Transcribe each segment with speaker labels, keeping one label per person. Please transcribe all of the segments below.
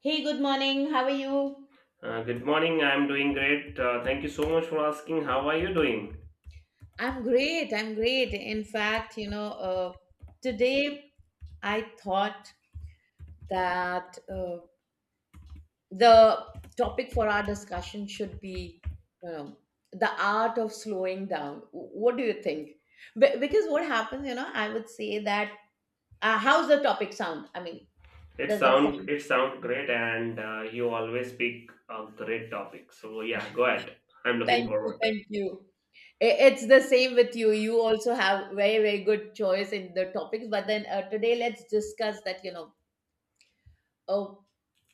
Speaker 1: Hey, good morning. How are you?
Speaker 2: Good morning. I'm doing great. Thank you so much for asking. How are you doing?
Speaker 1: I'm great. I'm great. In fact, you know, today I thought that the topic for our discussion should be, you know, the art of slowing down. What do you think? Because what happens, you know, I would say that how's the topic sound? I mean,
Speaker 2: It
Speaker 1: does that
Speaker 2: sound
Speaker 1: sound?
Speaker 2: it sound great, and you always pick a great topic. So yeah, go ahead. I'm looking
Speaker 1: Thank you.
Speaker 2: forward.
Speaker 1: Thank you. It's the same with you. You also have very, very good choice in the topics. But then today, let's discuss that, you know, uh,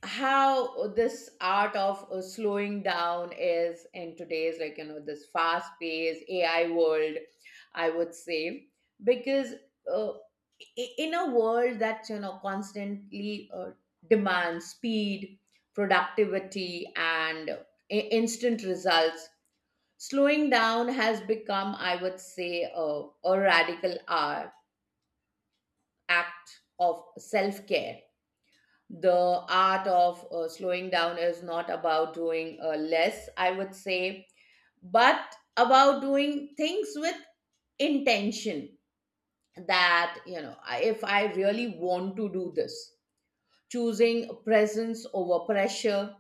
Speaker 1: how this art of slowing down is in today's, like, you know, this fast paced AI world, I would say. Because uh, in a world that, you know, constantly demands speed, productivity, and instant results. Slowing down has become, I would say, a radical art, act of self care. The art of slowing down is not about doing less, I would say, but about doing things with intention, that, you know, if I really want to do this, choosing presence over pressure.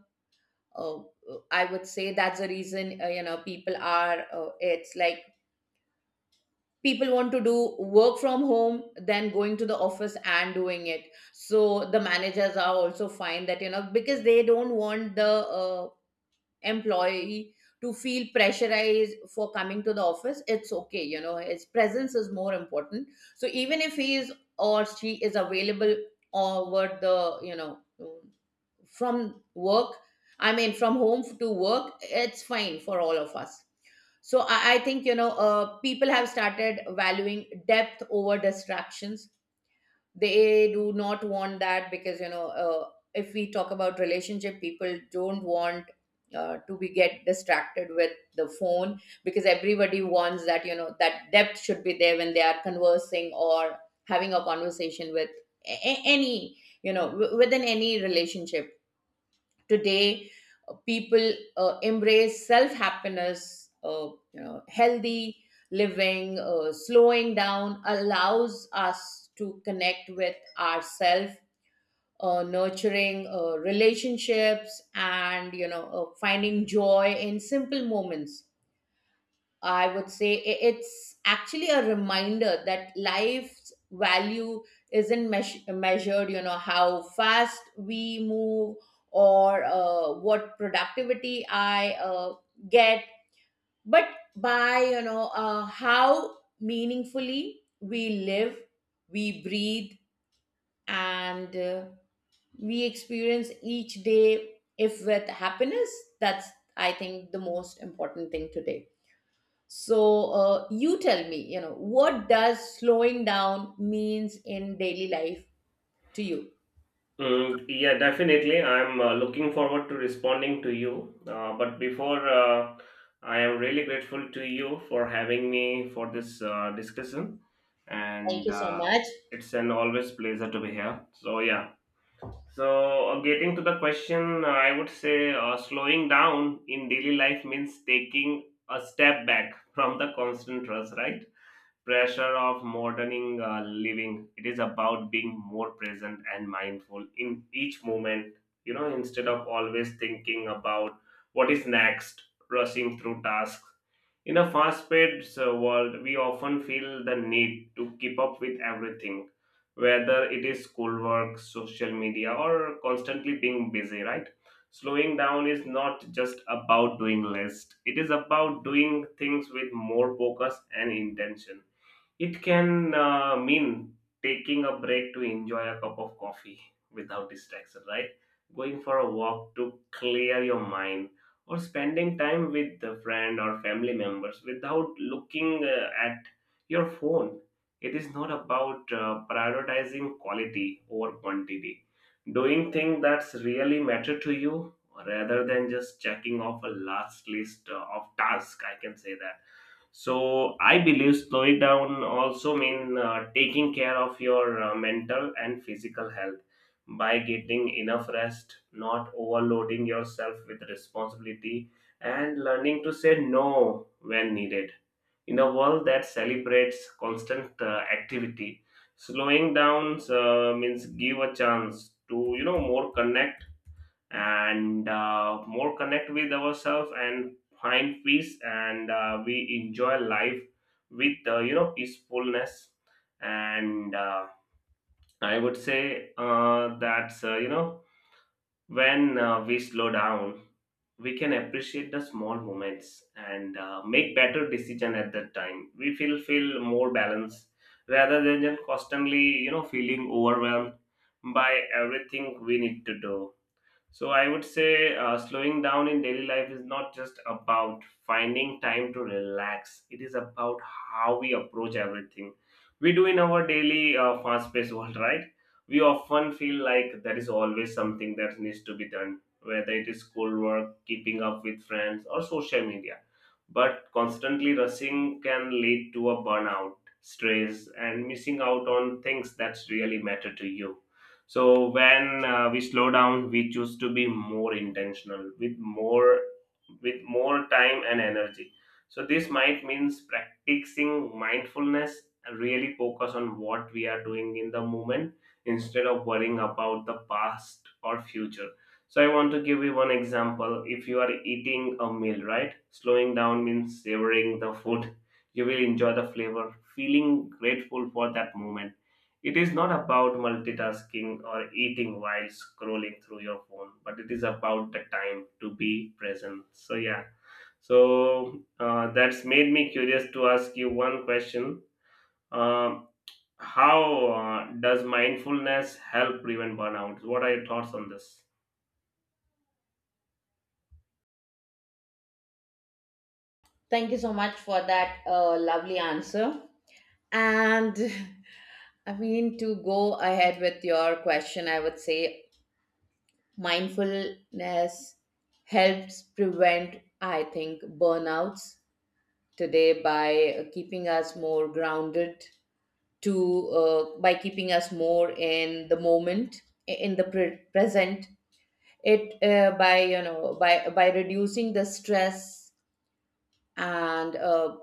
Speaker 1: Uh, I would say that's the reason, you know, it's like, people want to do work from home than going to the office and doing it. So the managers are also fine, that, you know, because they don't want the uh, employee to feel pressurized for coming to the office. It's okay, you know, his presence is more important. So even if he is or she is available over the, you know, from work, I mean from home to work, it's fine for all of us. So I think, you know, people have started valuing depth over distractions. They do not want that, because, you know, if we talk about relationship, people don't want to be get distracted with the phone, because everybody wants that, you know, that depth should be there when they are conversing or having a conversation with any, you know, within any relationship. Today, people embrace self happiness, you know, healthy living, slowing down allows us to connect with ourselves. Nurturing relationships and, you know, finding joy in simple moments. I would say it's actually a reminder that life's value isn't measured, you know, how fast we move or what productivity I get, but by, you know, how meaningfully we live, we breathe, and we experience each day. If with happiness, that's, I think, the most important thing today. So you tell me, you know, what does slowing down means in daily life to you?
Speaker 2: Mm, yeah, definitely. I'm looking forward to responding to you. But before, I am really grateful to you for having me for this discussion,
Speaker 1: Thank
Speaker 2: and
Speaker 1: you so much.
Speaker 2: it's an always pleasure to be here. So yeah. So, getting to the question, I would say slowing down in daily life means taking a step back from the constant rush, right? Pressure of moderning living. It is about being more present and mindful in each moment, you know, instead of always thinking about what is next, rushing through tasks. In a fast paced world, we often feel the need to keep up with everything, whether it is schoolwork, social media, or constantly being busy, right? Slowing down is not just about doing less, it is about doing things with more focus and intention. It can mean taking a break to enjoy a cup of coffee without distraction, right? Going for a walk to clear your mind, or spending time with a friend or family members without looking at your phone. It is not about prioritizing quality over quantity, doing things that really matter to you rather than just checking off a last list of tasks. I can say that. So I believe slowing down also mean taking care of your mental and physical health by getting enough rest, not overloading yourself with responsibility, and learning to say no when needed. In a world that celebrates constant activity, slowing down means give a chance to, you know, more connect and more connect with ourselves and find peace, and we enjoy life with, you know, peacefulness. And uh, i would say that's, you know, when we slow down, we can appreciate the small moments and make better decision. At that time we feel more balanced rather than just constantly, you know, feeling overwhelmed by everything we need to do. So I would say slowing down in daily life is not just about finding time to relax. It is about how we approach everything. We do in our daily fast-paced world, right? We often feel like there is always something that needs to be done, whether it is schoolwork, keeping up with friends, or social media. But constantly rushing can lead to a burnout, stress, and missing out on things that really matter to you. So when we slow down, we choose to be more intentional with more time and energy. So this might means practicing mindfulness and really focus on what we are doing in the moment instead of worrying about the past or future. So I want to give you one example. If you are eating a meal, right? Slowing down means savoring the food. You will enjoy the flavor, feeling grateful for that moment. It is not about multitasking or eating while scrolling through your phone, but it is about the time to be present. So, yeah. So, that's made me curious to ask you one question. Um, how does mindfulness help prevent burnout? What are your thoughts on this?
Speaker 1: Thank you so much for that lovely answer. And I mean, to go ahead with your question, I would say mindfulness helps prevent, I think, burnouts today by keeping us more grounded to by keeping us more in the moment, in the present. It by, you know, by reducing the stress and uh,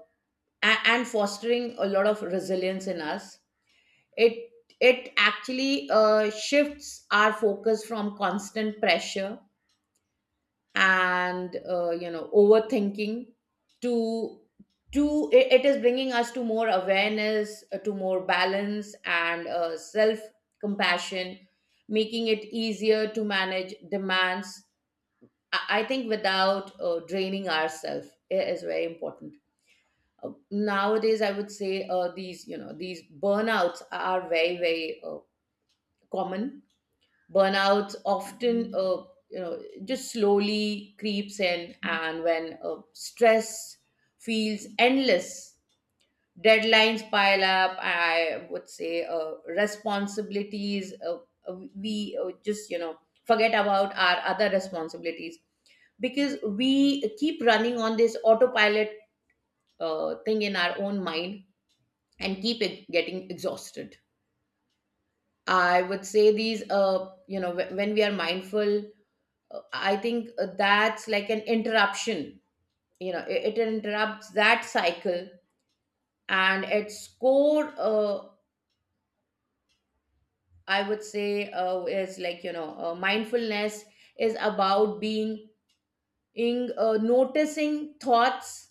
Speaker 1: a- and fostering a lot of resilience in us. It it actually shifts our focus from constant pressure and, you know, overthinking to it is bringing us to more awareness, to more balance and, self compassion, making it easier to manage demands. I think without draining ourselves is very important. Nowadays I would say these you know these burnouts are very very common. Burnout often, you know, just slowly creeps in, and when stress feels endless, deadlines pile up. I would say responsibilities. We, just, you know, forget about our other responsibilities because we keep running on this autopilot thing in our own mind and keep it getting exhausted. I would say these, you know, when we are mindful, I think that's like an interruption. You know, it interrupts that cycle, and its core, I would say, is like, you know, mindfulness is about being in, noticing thoughts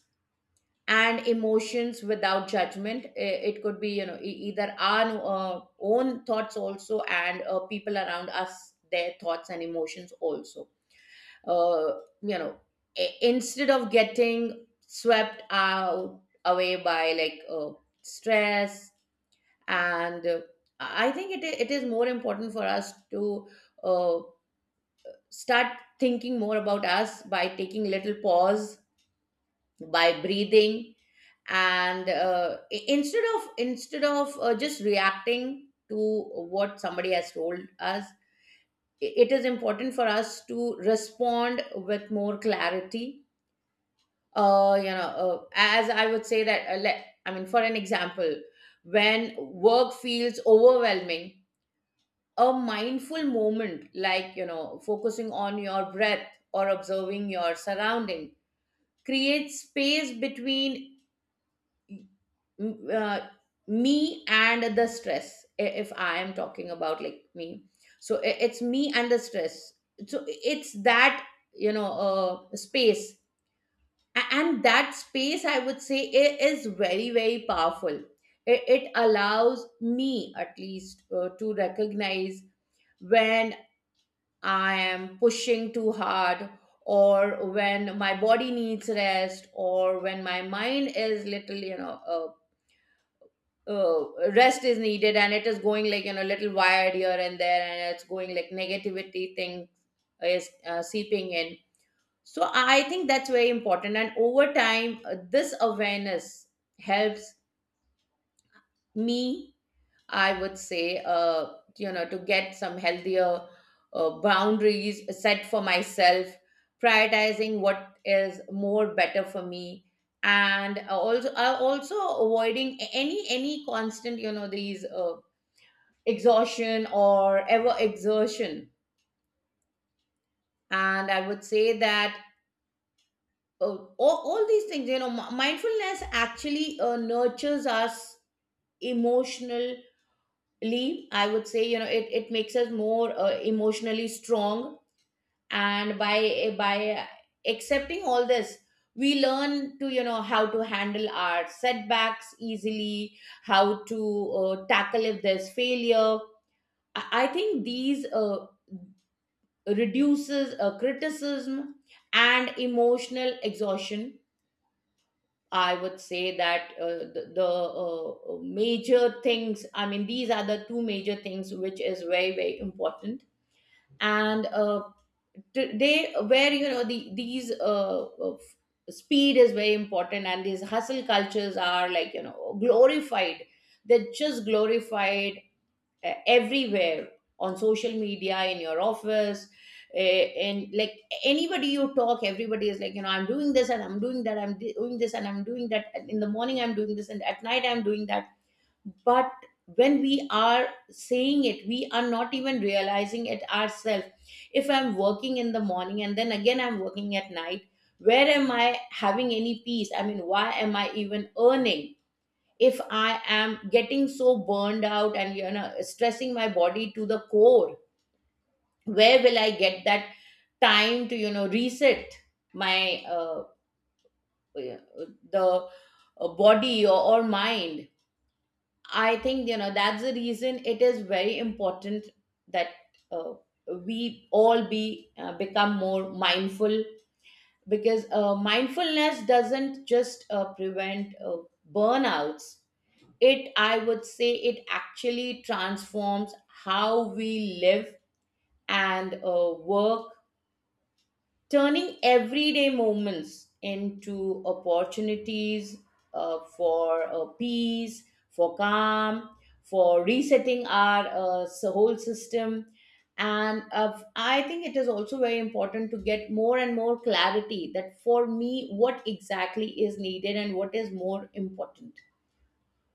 Speaker 1: and emotions without judgment. It could be, you know, either our own thoughts also, and, people around us, their thoughts and emotions also. uh, you know, instead of getting swept out away by, like, stress and, I think it is more important for us to uh, start thinking more about us by taking little pause, by breathing, and instead of just reacting to what somebody has told us. It is important for us to respond with more clarity, uh, you know. As I would say that, let I mean, for an example, when work feels overwhelming, a mindful moment, like, you know, focusing on your breath or observing your surrounding, creates space between, uh, me and the stress. If I am talking about, like, me, so it's me and the stress. So it's that, you know, space. And that space, I would say, is very very powerful. It allows me, at least, to recognize when I am pushing too hard, or when my body needs rest, or when my mind is little, you know, rest is needed, and it is going, like, you know, little wired here and there, and it's going like negativity thing is seeping in. So I think that's very important. And over time, this awareness helps me, I would say, you know, to get some healthier boundaries set for myself, prioritizing what is more better for me, and also avoiding any constant, you know, these exhaustion or ever exertion. And I would say that all these things, you know, mindfulness actually nurtures us emotionally. I would say, you know, it makes us more emotionally strong, and by accepting all this, we learn to, you know, how to handle our setbacks easily, how to tackle if there's failure. I think these reduces criticism and emotional exhaustion, I would say. That the major things, I mean, these are the two major things which is very, very important. And today, where, you know, these speed is very important, and these hustle cultures are, like, you know, glorified. They're just glorified everywhere, on social media, in your office, and, like, anybody you talk, everybody is like, you know, I'm doing this and I'm doing that, doing this and I'm doing that, and in the morning I'm doing this and at night I'm doing that. But when we are saying it, we are not even realizing it ourselves. If I'm working in the morning and then again I'm working at night, where am I having any peace? I mean, why am I even earning? If I am getting so burned out and, you know, stressing my body to the core, where will I get that time to, you know, reset my the body, or mind? I think, you know, that's the reason it is very important that, uh, we all be become more mindful, because, mindfulness doesn't just prevent burnouts. It, I would say, it actually transforms how we live and work, turning everyday moments into opportunities, for peace, for calm, for resetting our, whole system. And, I think it is also very important to get more and more clarity, that for me, what exactly is needed and what is more important.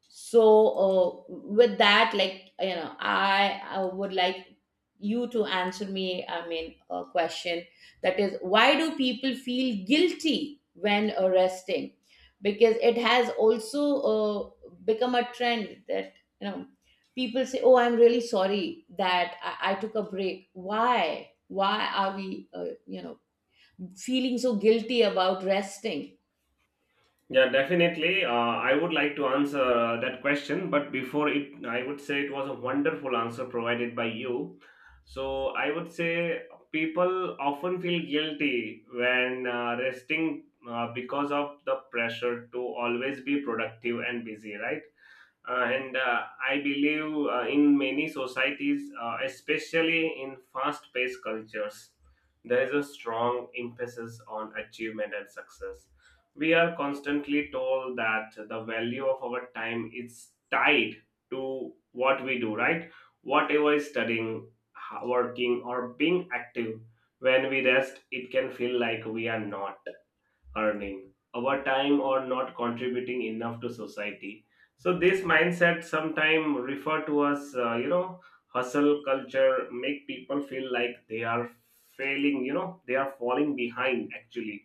Speaker 1: So, with that, like, you know, I would like you to answer me, I mean, a question, that is, why do people feel guilty when arresting? Because it has also become a trend that, you know, people say, oh, I'm really sorry that I took a break. Why are we, you know, feeling so guilty about resting?
Speaker 2: Yeah, definitely. I would like to answer that question, but before it, I would say it was a wonderful answer provided by you. So I would say people often feel guilty when resting because of the pressure to always be productive and busy, right? And I believe in many societies, especially in fast paced cultures, there is a strong emphasis on achievement and success. We are constantly told that the value of our time is tied to what we do, right? Whatever is studying, working, or being active, when we rest, it can feel like we are not earning our time or not contributing enough to society. So this mindset, sometimes refer to us, you know, hustle culture, make people feel like they are failing, you know, they are falling behind actually.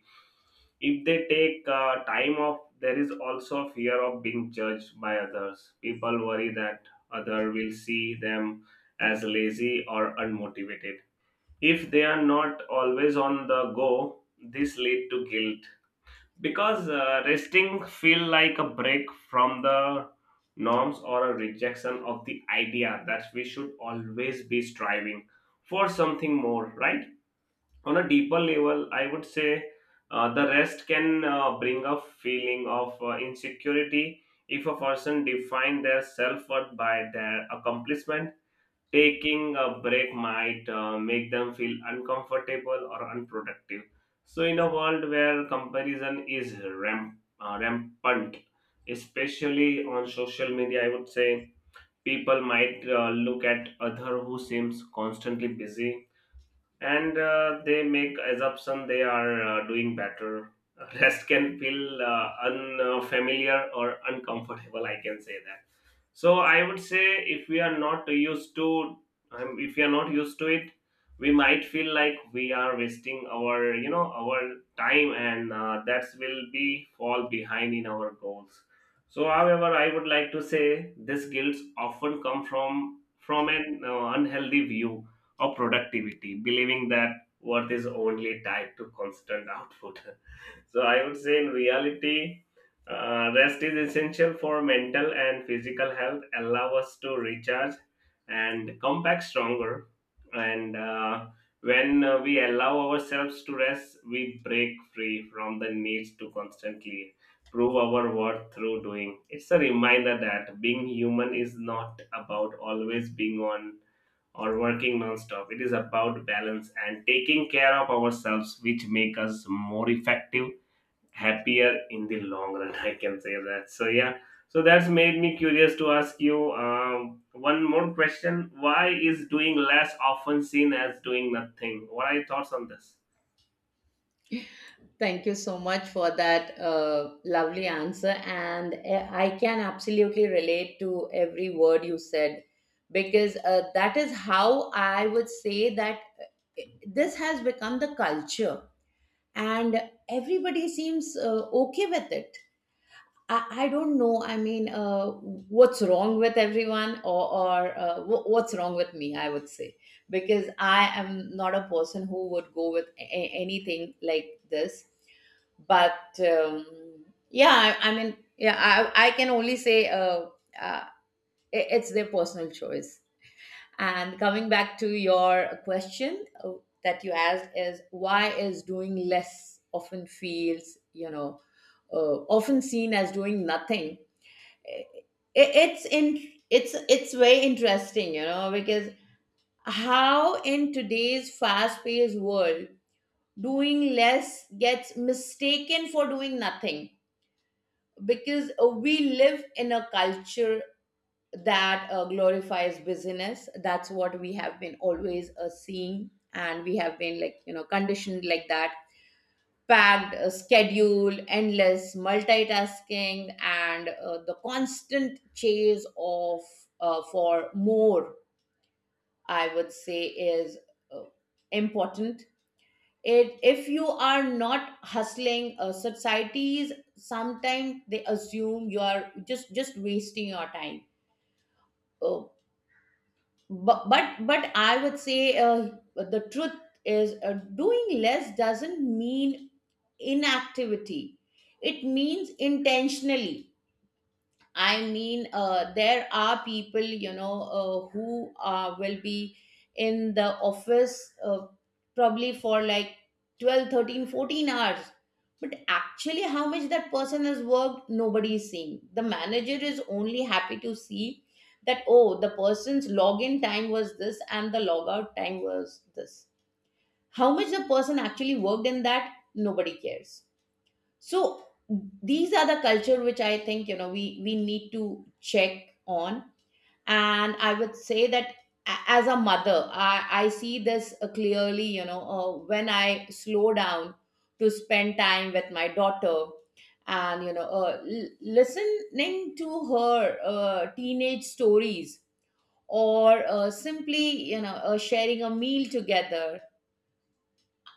Speaker 2: If they take time off, there is also fear of being judged by others. People worry that other will see them as lazy or unmotivated if they are not always on the go. This lead to guilt because resting feel like a break from the norms or a rejection of the idea that we should always be striving for something more, right? On a deeper level, I would say the rest can bring a feeling of insecurity. If a person define their self-worth by their accomplishment, taking a break might make them feel uncomfortable or unproductive. So, in a world where comparison is rampant, especially on social media, I would say people might look at other who seems constantly busy, and they make assumption they are doing better. Rest can feel unfamiliar or uncomfortable, I can say that. So I would say if we are not used to, if we are not used to it, we might feel like we are wasting our, you know, our time, and that will be fall behind in our goals. So however I would like to say this guilt often come from an unhealthy view or productivity, believing that worth is only tied to constant output. So I would say in reality, rest is essential for mental and physical health, allow us to recharge and come back stronger. And when we allow ourselves to rest, we break free from the needs to constantly prove our worth through doing. It's a reminder that being human is not about always being on or working non-stop. It is about balance and taking care of ourselves, which make us more effective, happier in the long run. I can say that. So yeah, so that's made me curious to ask you, one more question. Why is doing less often seen as doing nothing? What are your thoughts on this?
Speaker 1: Thank you so much for that lovely answer. And I can absolutely relate to every word you said, because that is how I would say that, eh, this has become the culture, and everybody seems okay with it. I don't know. I mean, what's wrong with everyone, or what's wrong with me? I would say because I am not a person who would go with anything like this. But um, yeah, I mean, yeah, I can only say uh, it's their personal choice. And coming back to your question, that you asked is why is doing less often feels often seen as doing nothing. it, it's in it's very interesting, you know, because how in today's fast paced world doing less gets mistaken for doing nothing, because we live in a culture that glorifies business. That's what we have been always seeing, and we have been, like, you know, conditioned like that. Packed schedule, endless multitasking, and the constant chase of for more, I would say, is uh, important. If you are not hustling, societies sometimes they assume you are just wasting your time. Uh, but I would say the truth is, doing less doesn't mean inactivity. It means intentionally, there are people, who will be in the office, probably for like 12, 13, 14 hours. But actually how much that person has worked, nobody is seeing. The manager is only happy to see that, oh, the person's login time was this and the logout time was this. How much the person actually worked in that, nobody cares. So these are the culture which I think, you know, we need to check on. And I would say that, as a mother, I see this clearly, you know. When I slow down to spend time with my daughter, and, listening to her teenage stories, or simply, sharing a meal together,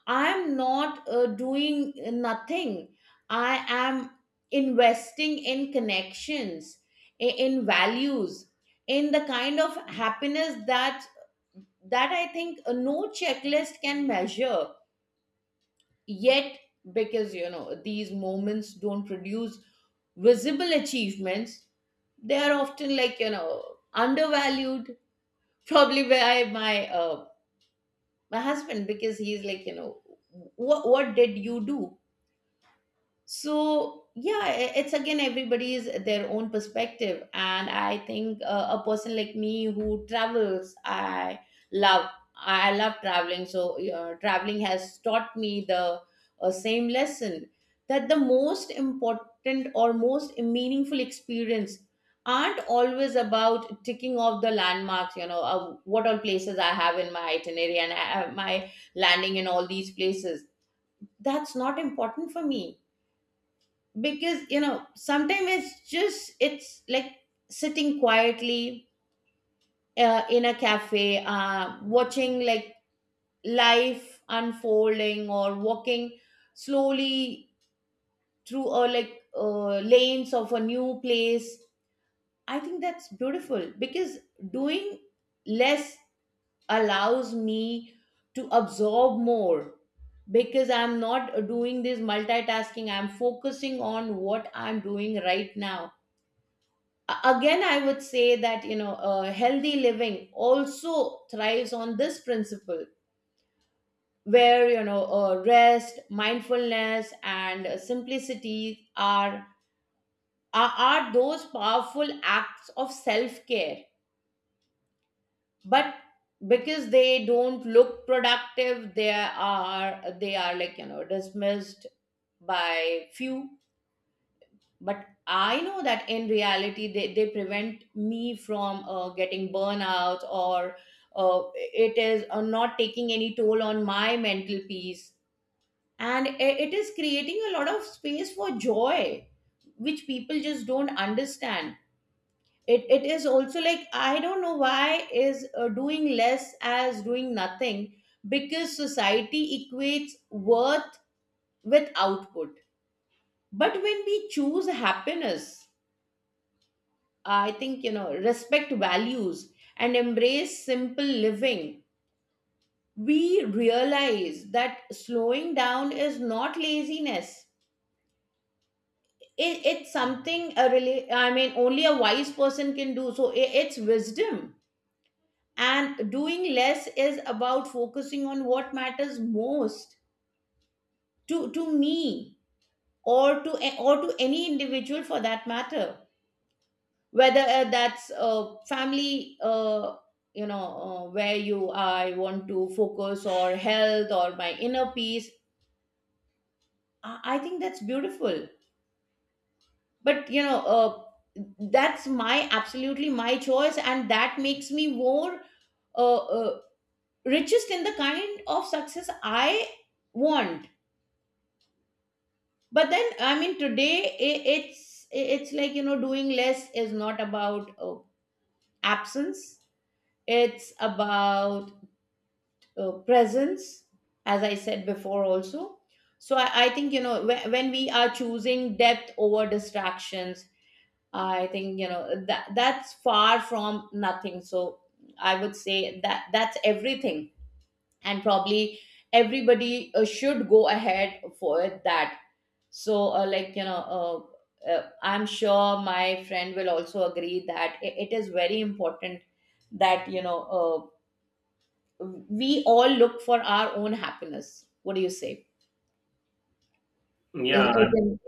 Speaker 1: I'm not doing nothing. I am investing in connections, in values, in the kind of happiness that I think no checklist can measure. Yet, because, you know, these moments don't produce visible achievements, they are often, like, you know, undervalued. Probably by my my husband, because he's like, you know, what did you do? So yeah, it's again everybody's their own perspective, and I think a person like me who travels, I love, I love traveling. So traveling has taught me the same lesson, that the most important or most meaningful experience aren't always about ticking off the landmarks. You know, what all places I have in my itinerary and I, my landing in all these places, that's not important for me. Because, you know, sometimes it's just, it's like sitting quietly in a cafe, watching, like, life unfolding, or walking slowly through a, like, lanes of a new place. I think that's beautiful, because doing less allows me to absorb more, because I'm not doing this multitasking. I'm focusing on what I'm doing right now. Again, I would say that, you know, healthy living also thrives on this principle, where, you know, rest, mindfulness and simplicity are, are those powerful acts of self-care. But because they don't look productive, they are, they are, like, you know, dismissed by few. But I know that in reality they prevent me from getting burnout, or it is not taking any toll on my mental peace, and it is creating a lot of space for joy, which people just don't understand. It is also like, I don't know why is doing less as doing nothing. Because society equates worth with output. But when we choose happiness, I think, you know, respect values and embrace simple living, we realize that slowing down is not laziness. It's something a really, I mean, only a wise person can do. So it's wisdom. And doing less is about focusing on what matters most to me, or to or to any individual for that matter. Whether that's family, where you, I want to focus, or health, or my inner peace. I think that's beautiful. But, that's my absolutely my choice, and that makes me more uh, uh, richest in the kind of success I want. But then, I mean, today, I, it's like, you know, doing less is not about absence. It's about presence, as I said before also. So I think, you know, when we are choosing depth over distractions, I think, you know, that that's far from nothing. So I would say that that's everything. And probably everybody should go ahead for that. So like, you know, I'm sure my friend will also agree that it is very important, that, we all look for our own happiness. What do you say? Is- is
Speaker 2: Yeah.
Speaker 1: in-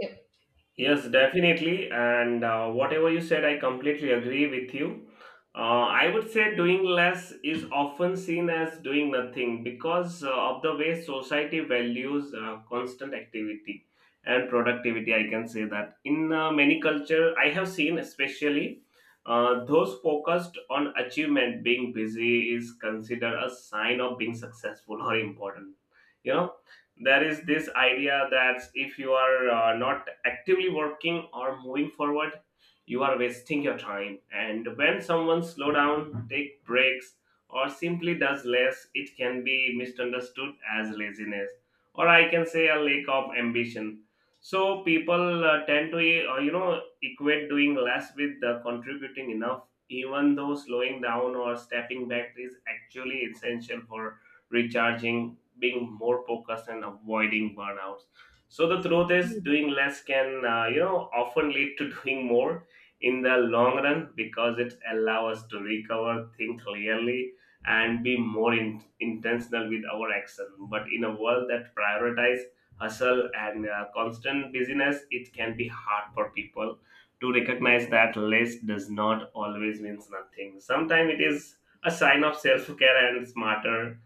Speaker 2: Yes, definitely. And whatever you said, I completely agree with you. I would say doing less is often seen as doing nothing because of the way society values constant activity and productivity. I can say that in many culture, I have seen, especially those focused on achievement, being busy is considered a sign of being successful or important. You know, there is this idea that if you are not actively working or moving forward, you are wasting your time. And when someone slow down, take breaks, or simply does less, it can be misunderstood as laziness, or I can say a lack of ambition. So people tend to, you know, equate doing less with contributing enough, even though slowing down or stepping back is actually essential for recharging, being more focused, and avoiding burnouts. So the truth is, doing less can, you know, often lead to doing more in the long run, because it allows us to recover, think clearly, and be more intentional with our action. But in a world that prioritizes hustle and constant busyness, it can be hard for people to recognize that less does not always means nothing. Sometimes it is a sign of self care and smarter,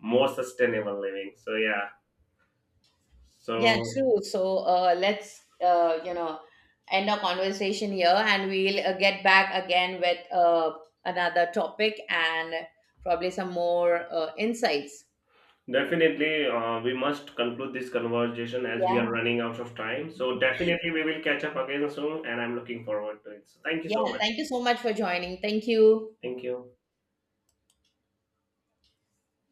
Speaker 2: more sustainable living. So yeah,
Speaker 1: yeah,
Speaker 2: so
Speaker 1: true. So let's, end our conversation here, and we'll get back again with another topic, and probably some more insights.
Speaker 2: definitely we must conclude this conversation as we
Speaker 1: Yeah,
Speaker 2: are running out of time. So definitely we will catch up again soon, and I'm looking forward to it. So thank you
Speaker 1: yeah.
Speaker 2: so much.
Speaker 1: Thank you so much for joining. Thank you.
Speaker 2: Thank you.